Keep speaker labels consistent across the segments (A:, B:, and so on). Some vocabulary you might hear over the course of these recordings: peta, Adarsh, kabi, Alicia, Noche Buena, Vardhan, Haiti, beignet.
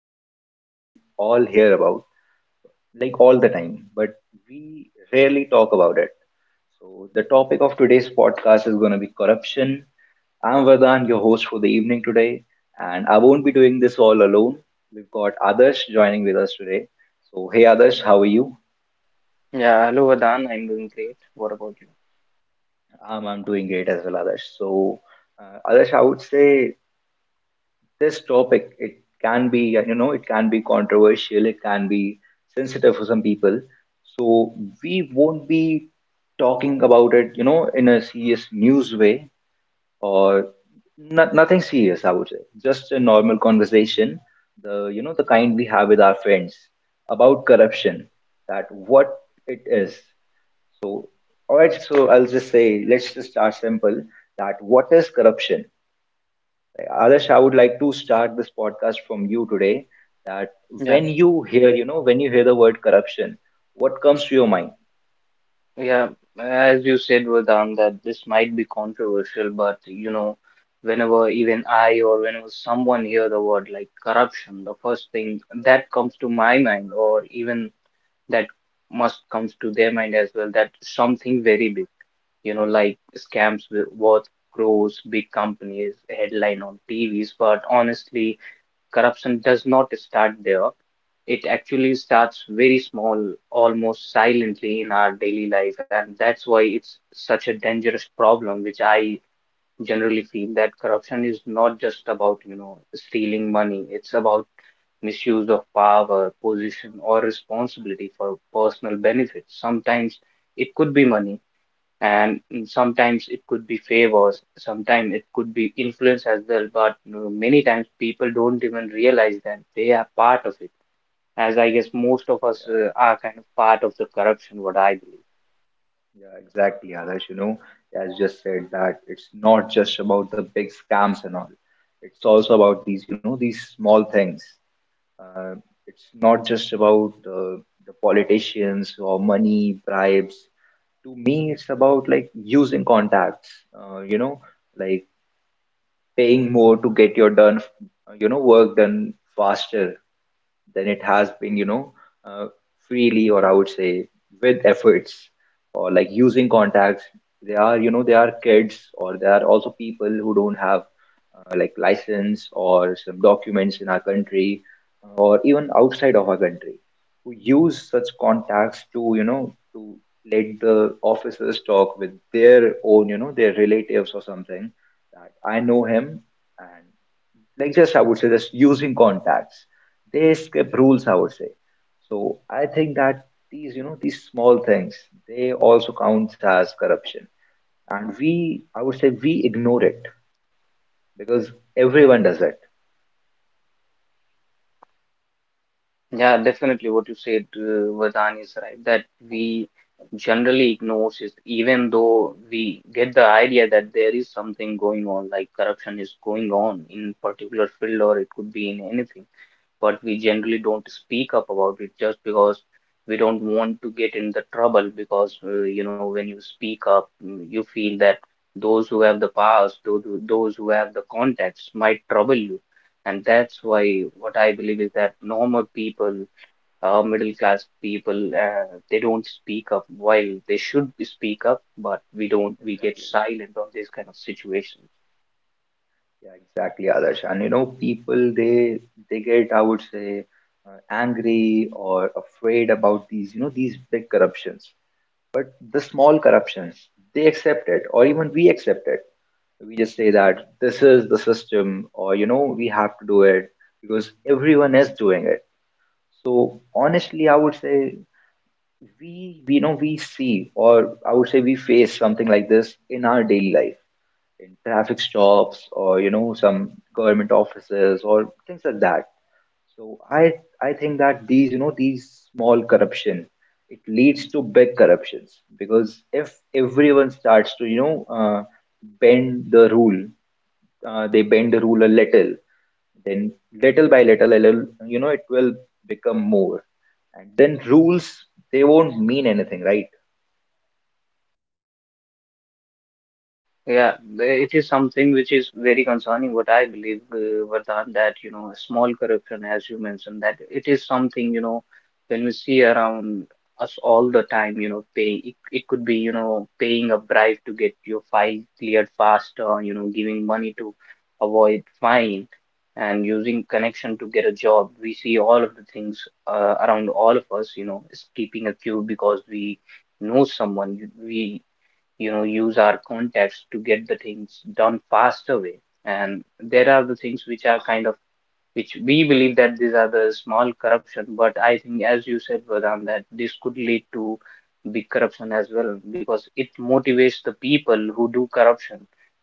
A: something we all hear about, like all the time, but we rarely talk about it. So, the topic of today's podcast is gonna be corruption. I'm Vardhan, your host for the evening today, and I won't be doing this all alone. We've got Adarsh joining with us today. So, hey Adarsh, how are you?
B: Yeah, hello Vadan, I'm doing great. What about you?
A: I'm doing great as well, Adarsh. So, Adarsh, I would say this topic, it can be, you know, it can be controversial, it can be sensitive for some people. So, we won't be talking about it in a serious news way. Or not, nothing serious, I would say, just a normal conversation, the you know the kind we have with our friends about corruption, that what it is. So, all right, so I'll just say, let's just start simple, that what is corruption. Adesh, I would like to start this podcast from you today, that
B: Yeah,
A: when you hear the word corruption, what comes to your mind?
B: yeah, As you said, Vadan, that this might be controversial, but you know, whenever even I or whenever someone hear the word like corruption, the first thing that comes to my mind, or even that must comes to their mind as well, that something very big, you know, like scams with worth crores, big companies, headline on TVs, but honestly corruption does not start there. It actually starts very small, almost silently in our daily life, and that's why it's such a dangerous problem, which I generally feel that corruption is not just about, you know, stealing money. It's about misuse of power, position, or responsibility for personal benefit. Sometimes it could be money and sometimes it could be favors, sometimes it could be influence as well. But many times people don't even realize that they are part of it. As I guess most of us are kind of part of the corruption, what I believe.
A: Yeah, exactly, Adarsh. You know, as just said, that it's not just about the big scams and all. It's also about these small things. Uh, it's not just about the politicians or money, bribes. To me, it's about like using contacts. Uh, you know, like paying more to get your done, work done faster than it has been, uh, freely, or I would say with efforts, or like using contacts. They are kids, or they are also people who don't have like license or some documents in our country or even outside of our country who use such contacts to let the officers talk with their own, you know, their relatives or something, that I know him, and like just, I would say, just using contacts. They skip rules, I would say. So I think that these small things, they also counts as corruption. And we, I would say, we ignore it because
B: Yeah.
A: everyone does it.
B: Yeah, definitely what you said, Vardhan is right, that we generally ignore it, even though we get the idea that there is something going on, like corruption is going on in particular field or it could be in anything. But we generally don't speak up about it just because we don't want to get in the trouble because you know when you speak up you feel that those who have the powers those who have the contacts might trouble you, and that's why what I believe is that normal people middle class people they don't speak up while they should speak up, but we don't we get
A: Exactly.
B: silent on this kind of situation.
A: Yeah, exactly, Adarsh. And you know, people, they get, I would say, angry or afraid about these big corruptions. The small corruptions, they accept it, or even we accept it. We just say that this is the system, or you know, we have to do it because everyone is doing it. So honestly, I would say, we know, we see, or I would say, we face something like this in our daily life, in traffic stops, or some government offices or things like that. So I think that these you know these small corruption, it leads to big corruptions, because if everyone starts to bend the rule, they bend the rule a little, then little by little, a little, it will become more, and then rules, they won't mean anything, right?
B: Yeah, it is something which is very concerning, what I believe, Vardhan, that, you know, small corruption, as you mentioned, that it is something, you know, when we see around us all the time, you know, it could be, you know, paying a bribe to get your file cleared faster, you know, giving money to avoid fine and using connection to get a job. We see all of the things around all of us, you know, is keeping a queue because we know someone. We you know use our contacts to get the things done faster way, and there are the things which are kind of which we believe that these are the small corruption, but I think as you said Vedant, that this could lead to big corruption as well because it motivates the people who do corruption.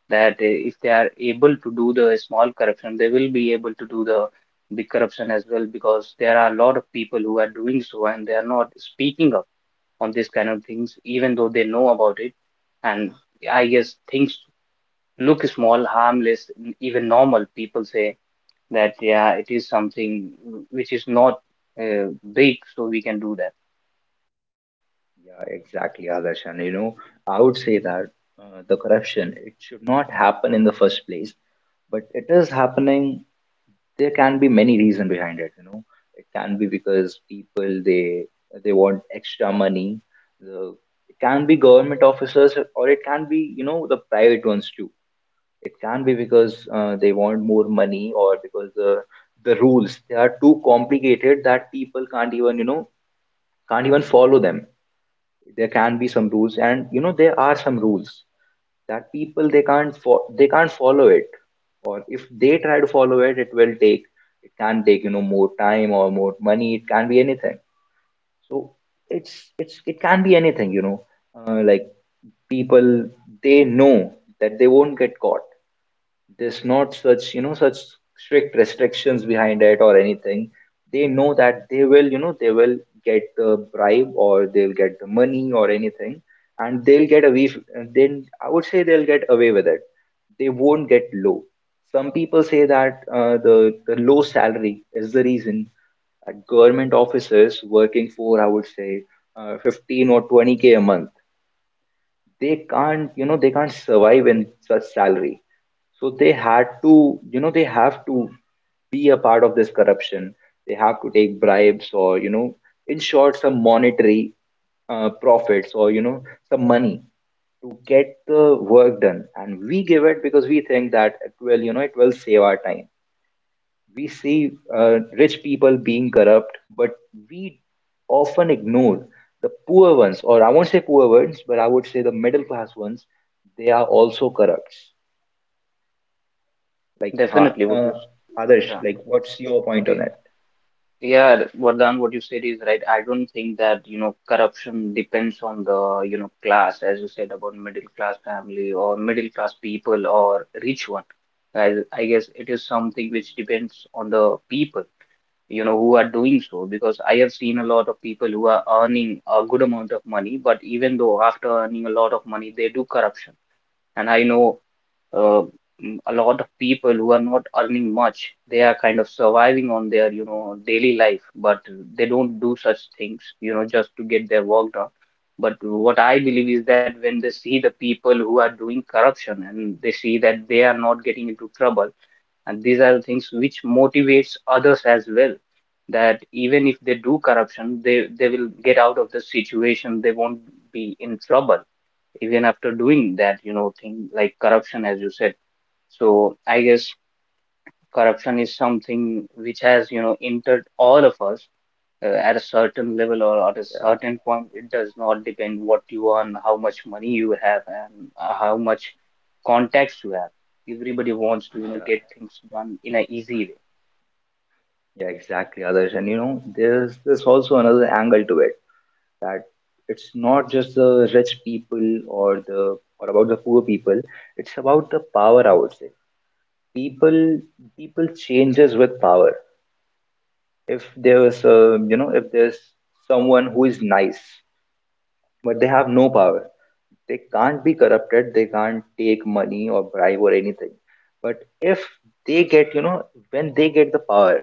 B: That if they are able to do the small corruption they will be able to do the big corruption as well because there are a lot of people who are doing so and they are not speaking up on this kind of things, even though they know about it. And I guess things look small, harmless, even normal. People say that, yeah, it is something which is not uh, big, so we can do that.
A: Yeah, exactly, Adarsh, and you know, I would say that the corruption, it should not happen in the first place, but it is happening. There can be many reasons behind it. You know, it can be because people, they want extra money. The, it can be government officers, or it can be, you know, the private ones too. It can be because they want more money, or because the rules, they are too complicated, that people can't even follow them. There can be some rules, and there are some rules that people, they can't follow it, or if they try to follow it, it will take it can take, more time or more money. It can be anything. So it can be anything, like people, they know that they won't get caught. There's not such you know such strict restrictions behind it or anything. They know that they will get the bribe, or they'll get the money or anything, and they'll get away f- then, I would say, they'll get away with it. They won't get low. Some people say that the low salary is the reason, that government officers working for, I would say, 15 or 20K a month, they can't survive in such salary. So they had to, you know, they have to be a part of this corruption. They have to take bribes, or, in short, some monetary profits, or some money to get the work done. And we give it because we think that it will save our time. We see rich people being corrupt, but we often ignore the poor ones, or I won't say poor ones, but I would say the middle class ones. They are also corrupt. Like, ha
B: Definitely what you, s-
A: uh, Adarsh,
B: yeah.
A: like, what's your point on
B: Y-
A: it?
B: Yeah, Vardhan, what you said is right. I don't think that, you know, corruption depends on the, you know, class, as you said about middle class family or middle class people or rich one. I guess it is something which depends on the people, you know, who are doing so, because I have seen a lot of people who are earning a good amount of money, but even though after earning a lot of money, they do corruption. And I know uh, a lot of people who are not earning much, they are kind of surviving on their, you know, daily life, but they don't do such things, you know, just to get their work done. But what I believe is that when they see the people who are doing corruption and they see that they are not getting into trouble, and these are the things which motivates others as well. That even if they do corruption, they will get out of the situation. They won't be in trouble even after doing that, you know, thing like corruption, as you said. So I guess corruption is something which has, you know, entered all of us at a certain level or at a
A: Yeah,
B: certain point. It does not depend what you earn, how much money you have, and how much contacts you have. Everybody wants to, you know,
A: yeah,
B: get things done in an easy
A: yeah, exactly, Adarsh. And you know, there's also another angle to it, that it's not just the rich people, or about the poor people. It's about the power, I would say. People people changes with power. If there's someone who is nice, but they have no power. They can't be corrupted. They can't take money or bribe or anything. But if they get, you know, when they get the power,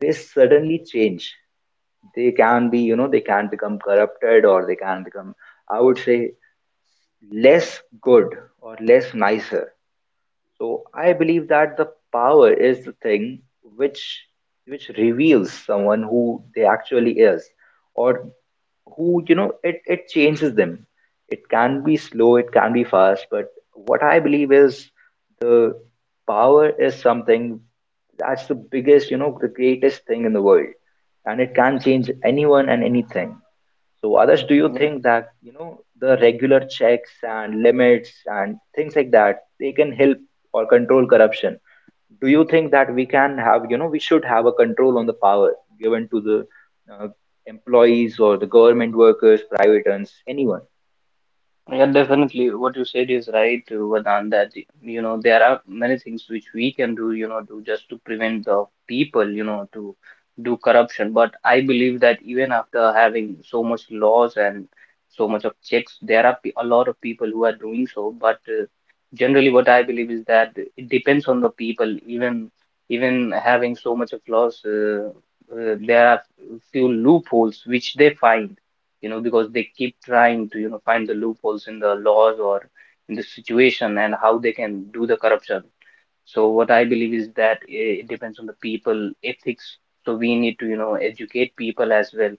A: they suddenly change. They can be, you know, they can become corrupted, or they can become, I would say, less good or less nicer. So I believe that the power is the thing which which reveals someone who they actually is, or who, it changes them. It can be slow, it can be fast, but what I believe is, the power is something, that's the biggest you know the greatest thing in the world, and it can change anyone and anything. So, Adarsh, do you
B: way.
A: think that, the regular checks and limits and things like that, they can help or control corruption? Do you think that we can have, you know, we should have a control on the power given to the uh, employees or the government workers, private ones, anyone?
B: Yeah, definitely. What you said is right, Vedant, that you know there are many things which we can do, you know, to just to prevent the people, you know, to do corruption. But I believe that even after having so much laws and so much of checks, there are a lot of people who are doing so. But generally, what I believe is that it depends on the people. Even having so much of laws, there are few loopholes which they find, you know, because they keep trying to, you know, find the loopholes in the laws or in the situation and how they can do the corruption. So what I believe is that it depends on the people ethics. So we need to, you know, educate people as well,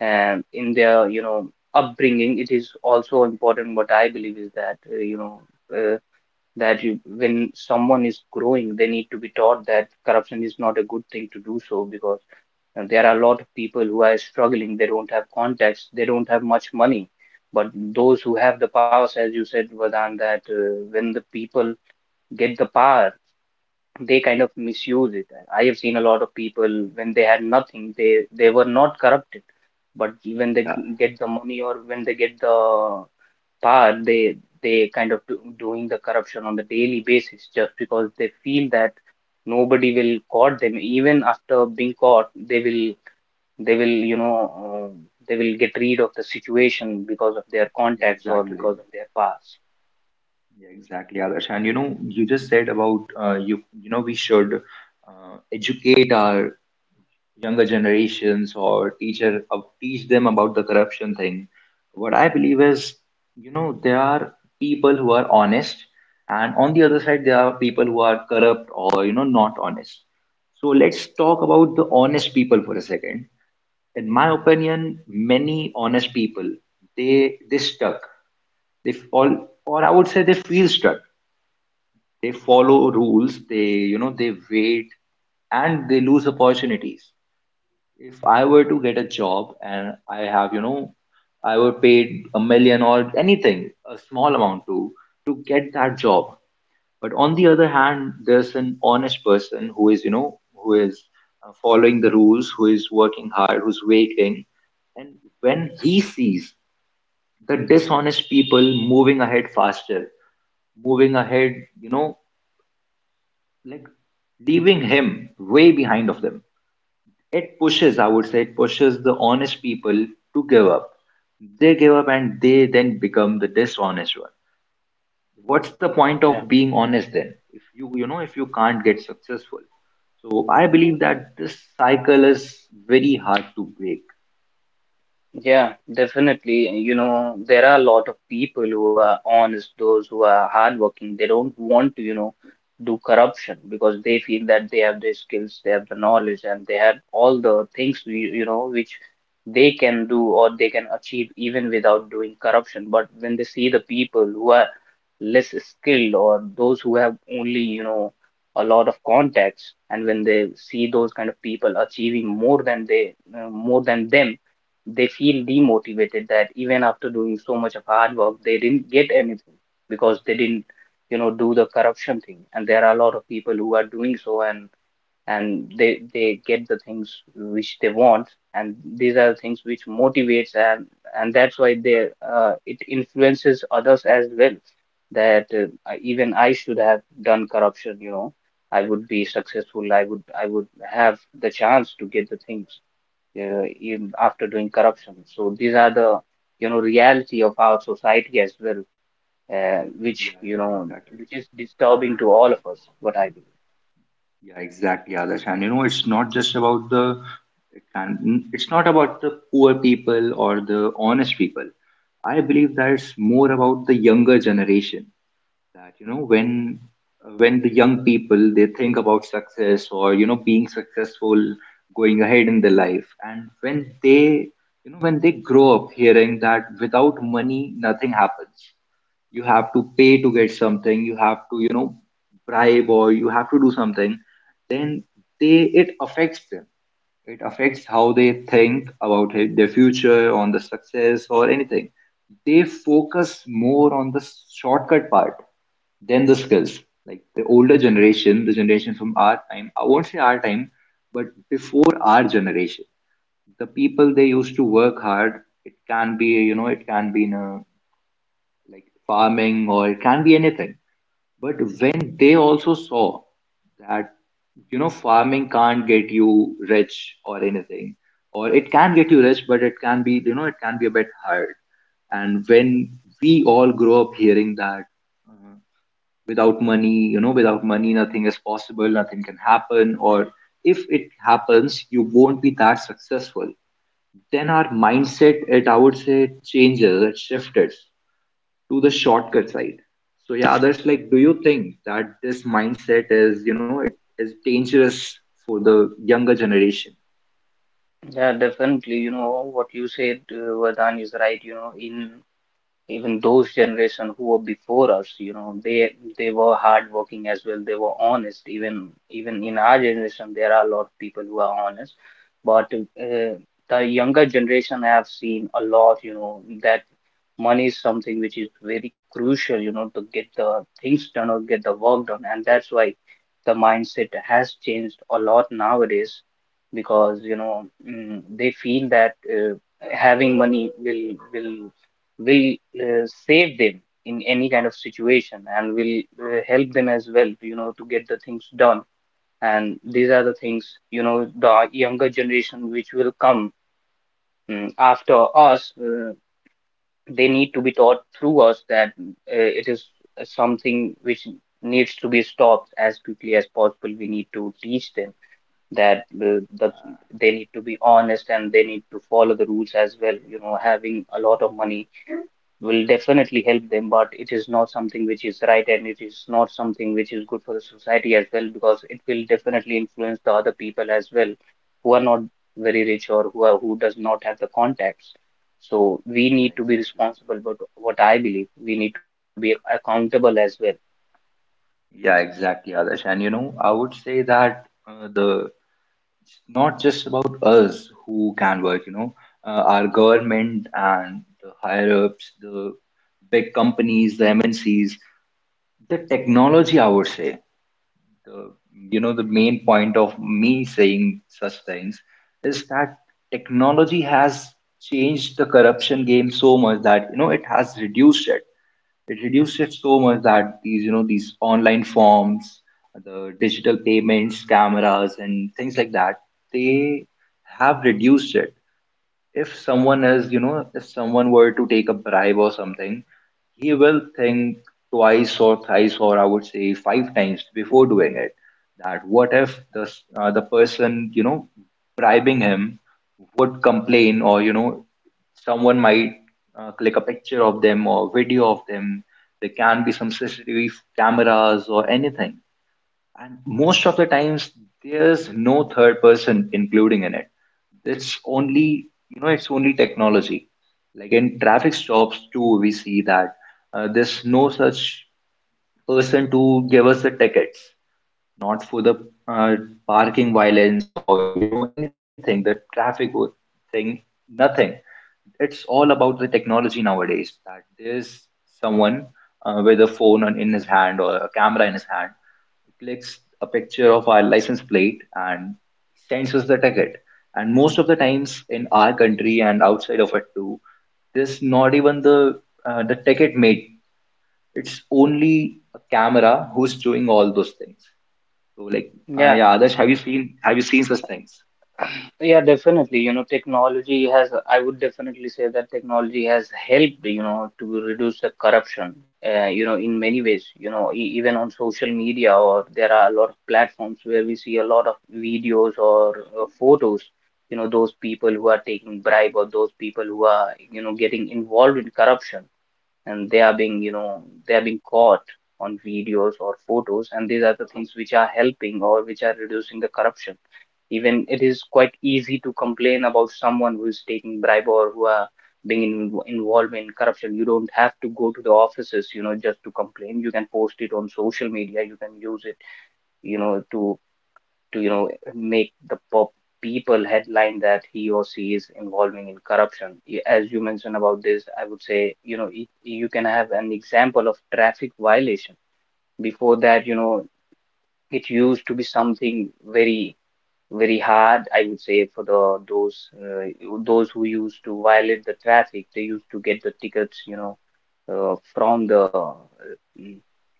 B: and in their, you know, upbringing, it is also important. What I believe is that, you know, uh, that when someone is growing, they need to be taught that corruption is not a good thing to do so, because and there are a lot of people who are struggling. They don't have contacts. They don't have much money. But those who have the powers, as you said, Vadan, that when the people get the power, they kind of misuse it. I have seen a lot of people when they had nothing, they were not corrupted. But when they
A: Yeah,
B: get the money or when they get the power, they kind of doing the corruption on the daily basis just because they feel that nobody will caught them. Even after being caught, they will you know uh, they will get rid of the situation because of their
A: yeah,
B: contacts or
A: exactly.
B: because of their past.
A: Yeah, exactly, Adarsh. And you know, you just said about we should educate our younger generations, or teach them about the corruption thing. What I believe is, there are people who are honest, and on the other side there are people who are corrupt, or not honest. So let's talk about the honest people for a second. In my opinion, many honest people, they stuck, they fall, or I would say, they feel stuck. They follow rules, they you know they wait, and they lose opportunities. If I were to get a job and I have, you know, I were paid a million or anything, a small amount to get that job. But on the other hand, there's an honest person who is, following the rules, who is working hard, who's waiting. And when he sees the dishonest people moving ahead faster, moving ahead, you know, like leaving him way behind of them, it pushes, I would say, it pushes the honest people to give up. They give up and they then become the dishonest one. What's the point of
B: Yeah.
A: being honest then? If you can't get successful. So I believe that this cycle is very hard to break.
B: Yeah, definitely. You know, there are a lot of people who are honest, those who are hardworking. They don't want to, you know, do corruption because they feel that they have the skills, they have the knowledge, and they have all the things, you know, which they can do or they can achieve even without doing corruption. But when they see the people who are less skilled or those who have only, you know, a lot of contacts, and when they see those kind of people achieving more than more than them, they feel demotivated that even after doing so much of hard work, they didn't get anything because they didn't, you know, do the corruption thing. And there are a lot of people who are doing so, and they get the things which they want, and these are things which motivates and that's why they it influences others as well. That even I should have done corruption, you know, I would be successful. I would have the chance to get the things in after doing corruption. So these are the you know reality of our society as well,
A: Yeah,
B: which you
A: yeah,
B: know
A: exactly.
B: which is disturbing to all of us. What I believe.
A: Yeah, exactly, Adarsh. And you know, it's not just about it's not about the poor people or the honest people. I believe that it's more about the younger generation, that when the young people, they think about success, or being successful, going ahead in their life, and when they grow up hearing that without money nothing happens. You have to pay to get something, you have to bribe, or you have to do something. Then they it affects them, it affects how they think about it, their future, on the success, or anything. They focus more on the shortcut part than the skills. Like the older generation, the generation from our time, I won't say our time, but before our generation, the people, they used to work hard. It can be, you know, it can be in a farming, or it can be anything. But when they also saw that, you know, farming can't get you rich or anything, or it can get you rich, but it can be, you know, it can be a bit hard. And when we all grow up hearing that uh, without money, you know, without money, nothing is possible, nothing can happen, or if it happens, you won't be that successful. Then our mindset, it I would say, changes, it shifted to the shortcut side. So yeah, others like, do you think that this mindset is, you know, it is dangerous for the younger generation?
B: Yeah, definitely. You know what you said, Vardhan is right. You know, in even those generation who were before us, you know, they were hardworking as well, they were honest, even in our generation there are a lot of people who are honest, but the younger generation have seen a lot, you know, that money is something which is very crucial, you know, to get the things done or get the work done, and that's why the mindset has changed a lot nowadays because they feel that having money will save them in any kind of situation and will help them as well, you know, to get the things done. And these are the things, you know, the younger generation which will come after us, they need to be taught through us that it is something which needs to be stopped as quickly as possible. We need to teach them that they need to be honest and they need to follow the rules as well. You know, having a lot of money will definitely help them, but it is not something which is right, and it is not something which is good for the society as well, because it will definitely influence the other people as well who are not very rich or who are, who does not have the contacts. So we
A: Yeah,
B: need to be
A: exactly.
B: responsible, but what I believe, we need to be accountable as well.
A: Yeah, exactly, Adarsh. And you know, I would say that the it's not just about us who can work. You know, our government and the higher ups, the big companies, the MNCs, the technology. I would say the you know, the main point of me saying such things is that technology has changed the corruption game so much that, you know, it has reduced it, it reduced it so much that these, you know, these online forms, the digital payments, cameras, and things like that, they have reduced it. If someone is, you know, if someone were to take a bribe or something, he will think twice or thrice, or I would say five times before doing it. That what if the person, you know, bribing him would complain, or you know, someone might click a picture of them, or video of them. There can be some CCTV cameras or anything. And most of the times, there's no third person including in it. It's only, you know, it's only technology. Like in traffic stops too, we see that there's no such person to give us the tickets, not for the uh, parking violence or, you know, anything, the traffic wo- thing, nothing. It's all about the technology nowadays, that there's someone with a phone on, in his hand, or a camera in his hand, clicks a picture of our license plate and sends us the ticket. And most of the times in our country and outside of it too, there's not even the ticket mate. It's only a camera who's doing all those things. So like,
B: Yeah,
A: yeah, Adarsh, have you seen such things?
B: yeah, definitely. You know, technology has, I would definitely say that technology has helped, you know, to reduce the corruption, you know, in many ways. You know, e even on social media, or there are a lot of platforms where we see a lot of videos or photos, you know, those people who are taking bribe or those people who are, you know, getting involved in corruption, and they are being, you know, they are being caught on videos or photos, and these are the things which are helping or which are reducing the corruption. Even it is quite easy to complain about someone who is taking bribe or who are involved in corruption. You don't have to go to the offices, you know, just to complain. You can post it on social media. You can use it, you know, to make the pop people headline that he or she is involving in corruption. As you mentioned about this, I would say, you know, you can have an example of traffic violation. Before that, you know, it used to be something very very hard, I would say, for the those uh, those who used to violate the traffic. They used to get the tickets, you know, uh, from the uh,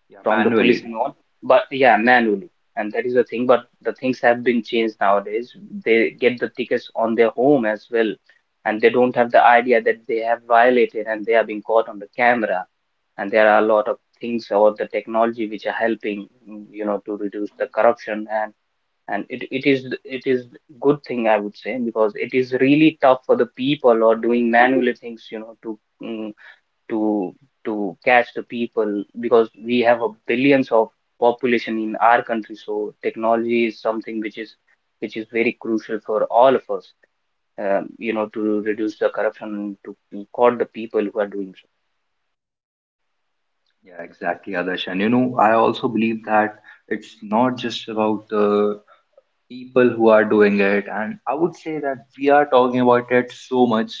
A: Yeah,
B: from the police
A: manually.
B: and all, but yeah, manually. And that is the thing, but the things have been changed nowadays. They get the tickets on their home as well, and they don't have the idea that they have violated and they are being caught on the camera. And there are a lot of things or the technology which are helping, you know, to reduce the corruption, and and it is good thing, I would say, because it is really tough for the people or doing manually things, you know, to to to catch the people because we have a billions of population in our country. So technology is something which is very crucial for all of us, you know, to reduce the corruption, to caught the people who are doing.
A: Yeah, exactly, Adarsh. And you know, I also believe that it's not just about the people who are doing it, and I would say that we are talking about it so much.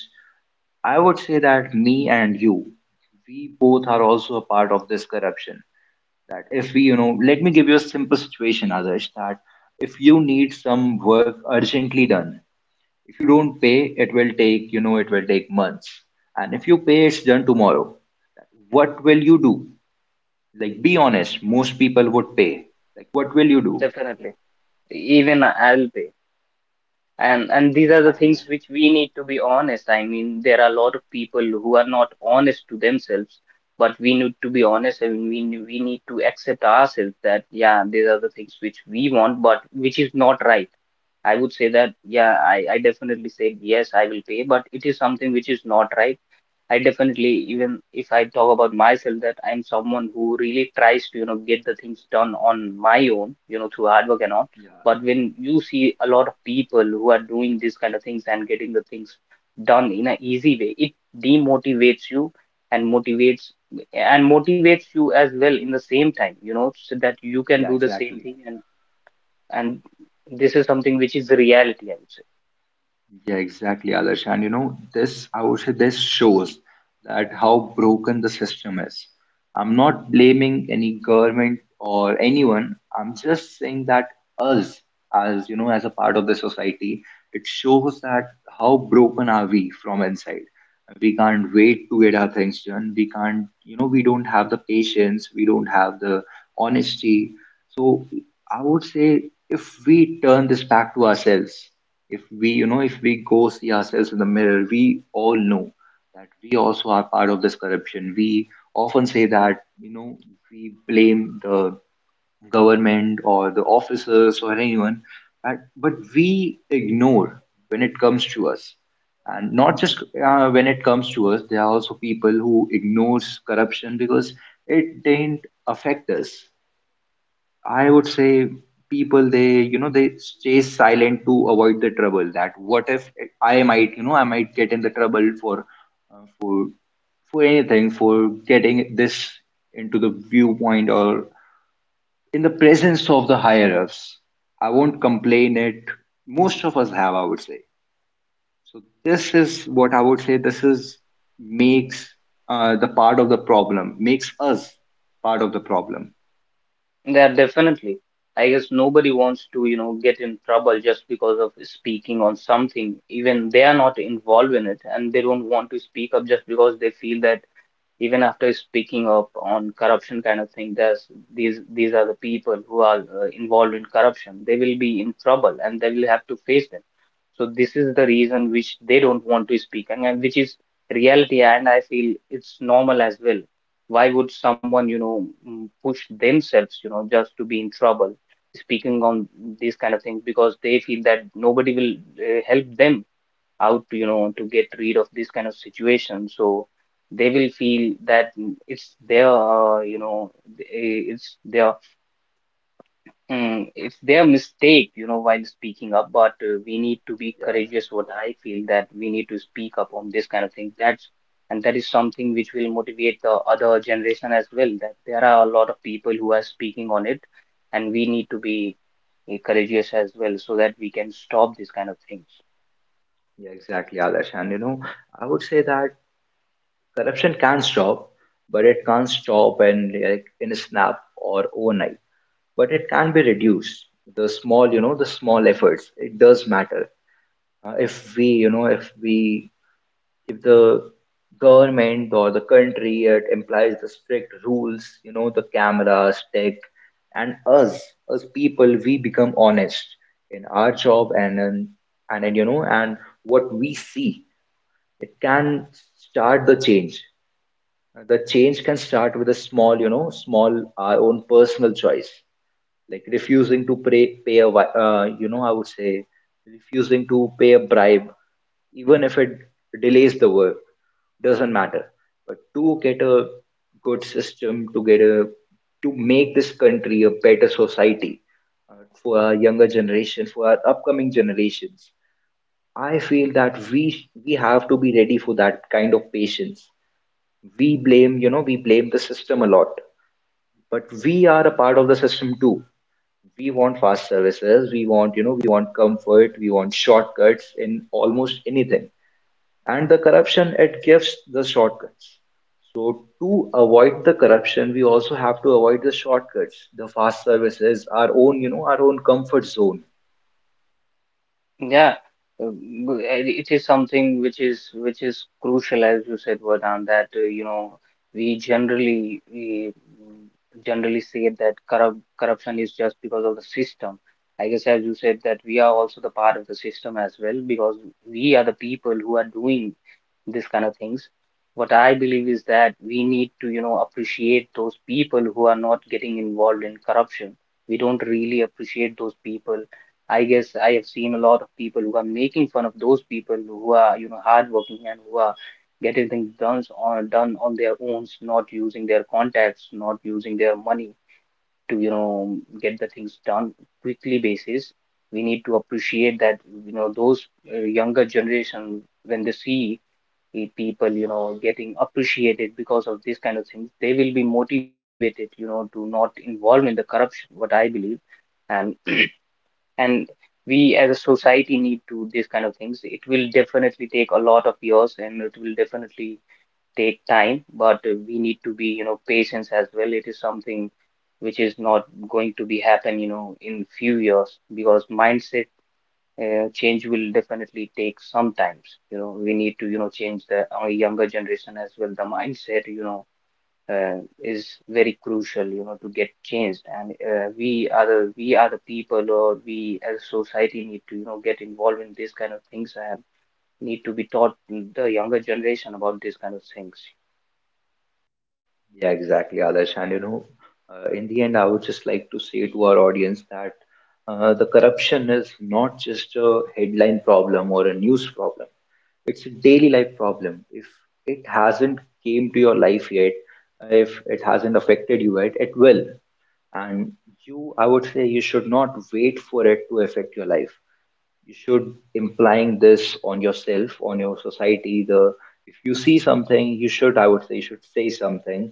A: I would say that me and you, we both are also a part of this corruption. That if we, you know, let me give you a simple situation, Adarsh, that if you need some work urgently done, if you don't pay, it will take, you know, it will take months. And if you pay, it's done tomorrow. What will you do? Like, be honest, most people would pay. Like, what will you
B: So
A: do?
B: definitely, even I'll, and these are the
A: Exactly.
B: things which we need to be honest. I mean, there are a lot of people who are not honest to themselves, but we need to be honest, and we we need to accept ourselves that yeah, these are the things which we want, but which is not right. I would say that yeah, I definitely said yes, I will pay, but it is something which is not right. I definitely, even if I talk about myself, that I'm someone who really tries to, you know, get the things done on my own, you know, through hard work and all.
A: Yeah,
B: But when you see a lot of people who are doing these kind of things and getting the things done in an easy way, it demotivates you and motivates, and motivates you as well in the same time, you know, so that you can
A: yeah,
B: do the same
A: exactly.
B: thing. And this is something which is the reality, I would say.
A: Yeah, exactly, Adarsh. And you know, this I would say this shows that how broken the system is. I'm not blaming any government or anyone. I'm just saying that us, as you know, as a part of the society, it shows that how broken are we from inside. We can't wait to get our things done. We can't, you know, we don't have the patience. We don't have the honesty. So I would say, if we turn this back to ourselves, if we, you know, if we go see ourselves in the mirror, we all know that we also are part of this corruption. We often say that, you know, we blame the government or the officers or anyone, but we ignore when it comes to us. And not just when it comes to us, there are also people who ignores corruption because it didn't affect us. I would say people, they, you know, they stay silent to avoid the trouble. That what if I might, you know, I might get in the trouble for uh, for for anything, for getting this into the viewpoint or in the presence of the higher ups. I won't complain it. Most of us have, I would say. So this is what I would say. This is makes the part of the problem makes us part of the problem.
B: Yeah, definitely. I guess nobody wants to, you know, get in trouble just because of speaking on something, even they are not involved in it, and they don't want to speak up just because they feel that even after speaking up on corruption kind of thing, there's these are the people who are involved in corruption, they will be in trouble, and they will have to face them. So this is the reason which they don't want to speak, and which is reality, and I feel it's normal as well. Why would someone, you know, push themselves, you know, just to be in trouble speaking on these kind of things, because they feel that nobody will help them out, you know, to get rid of this kind of situation. So they will feel that it's their it's their, it's their mistake, you know, while speaking up. But we need to be
A: Yeah,
B: courageous. What I feel, that we need to speak up on this kind of thing. That's and that is something which will motivate the other generation as well, that there are a lot of people who are speaking on it, and we need to be courageous as well, so that we can stop this kind of things.
A: yeah, exactly, Adarsh. And you know, I would say that corruption can stop, but it can't stop and like in a snap or overnight. But it can be reduced. The small, you know, the small efforts. It does matter. If we, you know, if we, if the government or the country it implies the strict rules, you know, the cameras, tech, and us as people, we become honest in our job and you know, and what we see. It can start the change. The change can start with a small, you know, small our own personal choice, like refusing to pay pay a wi- you know, I would say refusing to pay a bribe, even if it delays the work, doesn't matter. But to get a good system, to get a to make this country a better society for our younger generation, for our upcoming generations, I feel that we have to be ready for that kind of patience. We blame, you know, we blame the system a lot, but we are a part of the system too. We want fast services, we want, you know, we want comfort, we want shortcuts in almost anything, and the corruption, it gives the shortcuts. So to avoid the corruption, we also have to avoid the shortcuts, the fast services, our own, you know, our own comfort zone.
B: Yeah, it is something which is crucial, as you said, Vardhan, that you know, we generally we mm, generally say that corruption is just because of the system. I guess, as you said, that we are also the part of the system as well, because we are the people who are doing this kind of things. What I believe is that we need to, you know, appreciate those people who are not getting involved in corruption. We don't really appreciate those people. I guess I have seen a lot of people who are making fun of those people who are, you know, hardworking and who are getting things done on done on their own, not using their contacts, not using their money to, you know, get the things done quickly basis. We need to appreciate that, you know, those younger generation, when they see people, you know, getting appreciated because of these kind of things, they will be motivated, you know, to not involve in the corruption, what I believe. And and we as a society need to these kind of things. It will definitely take a lot of years, and it will definitely take time, but we need to be, you know, patience as well. It is something which is not going to be happen, you know, in few years, because mindset change will definitely take some times. You know, we need to, you know, change the our younger generation as well. The mindset, you know, is very crucial, you know, to get changed. And we are the, we are the people, or we as society need to, you know, get involved in these kind of things, and need to be taught the younger generation about these kind of things.
A: Yeah, exactly, Adarsh. And you know, in the end, I would just like to say to our audience that the corruption is not just a headline problem or a news problem. It's a daily life problem. If it hasn't came to your life yet, if it hasn't affected you yet, it will. And you, I would say, you should not wait for it to affect your life. You should implying this on yourself, on your society. The If you see something, you should, I would say, you should say something.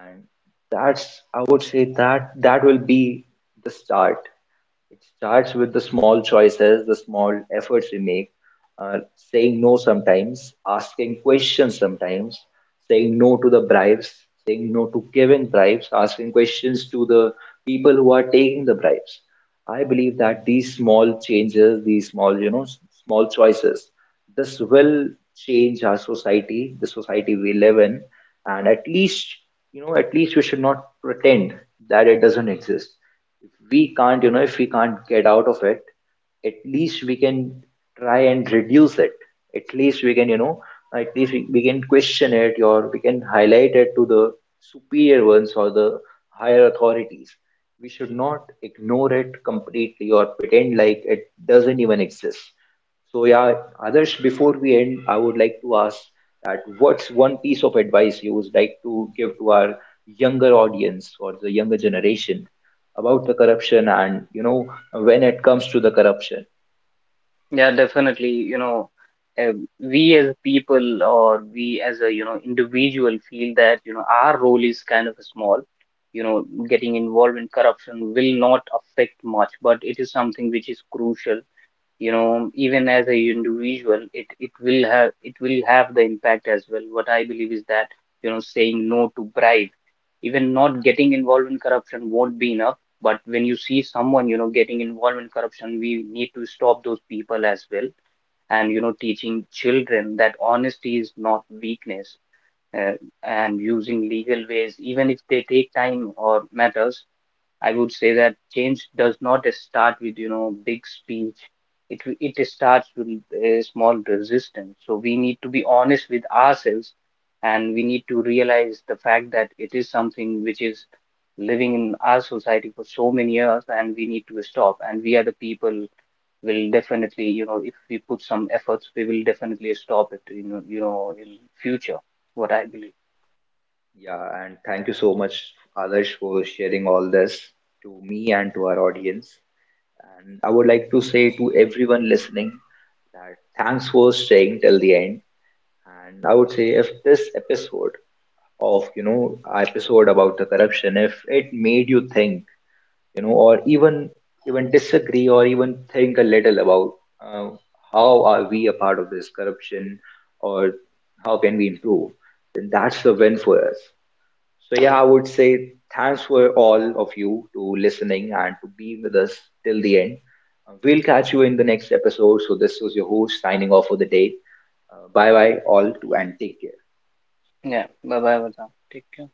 A: And that's, I would say, that that will be the start. It starts with the small choices, the small efforts we make, uh, saying no sometimes, asking questions sometimes, saying no to the bribes, saying no to giving bribes, asking questions to the people who are taking the bribes. I believe that these small changes, these small, you know, small choices, this will change our society, the society we live in. And at least, you know, at least we should not pretend that it doesn't exist. If we can't, you know, if we can't get out of it, at least we can try and reduce it. At least we can, you know, at least we can question it, or we can highlight it to the superior ones or the higher authorities. We should not ignore it completely or pretend like it doesn't even exist. So yeah, Adarsh, before we end, I would like to ask that what's one piece of advice you would like to give to our younger audience or the younger generation about the corruption, and you know, when it comes to the corruption.
B: Yeah, definitely. You know, uh, we as people or we as a, you know, individual feel that, you know, our role is kind of small. You know, getting involved in corruption will not affect much, but it is something which is crucial, you know, even as a individual, it will have, it will have the impact as well. What I believe is that, you know, saying no to bribe, even not getting involved in corruption won't be enough. But when you see someone, you know, getting involved in corruption, we need to stop those people as well. And you know, teaching children that honesty is not weakness, uh, and using legal ways even if they take time or matters. I would say that change does not start with, you know, big speech. It starts with a small resistance. So we need to be honest with ourselves, and we need to realize the fact that it is something which is living in our society for so many years, and we need to stop. And we are the people will definitely, you know, if we put some efforts, we will definitely stop it, you know, in future. What I believe.
A: Yeah, and thank you so much, Adarsh, for sharing all this to me and to our audience. And I would like to say to everyone listening that thanks for staying till the end. And I would say if this episode of you know, episode about the corruption, if it made you think, you know, or even even disagree, or even think a little about uh, how are we a part of this corruption, or how can we improve, then that's the win for us. So yeah, I would say thanks for all of you to listening and to be with us till the end. We'll catch you in the next episode. So this was your host signing off for the day. Bye bye all to, and take care.
B: Yeah. Bye bye, Vardhan. Take care.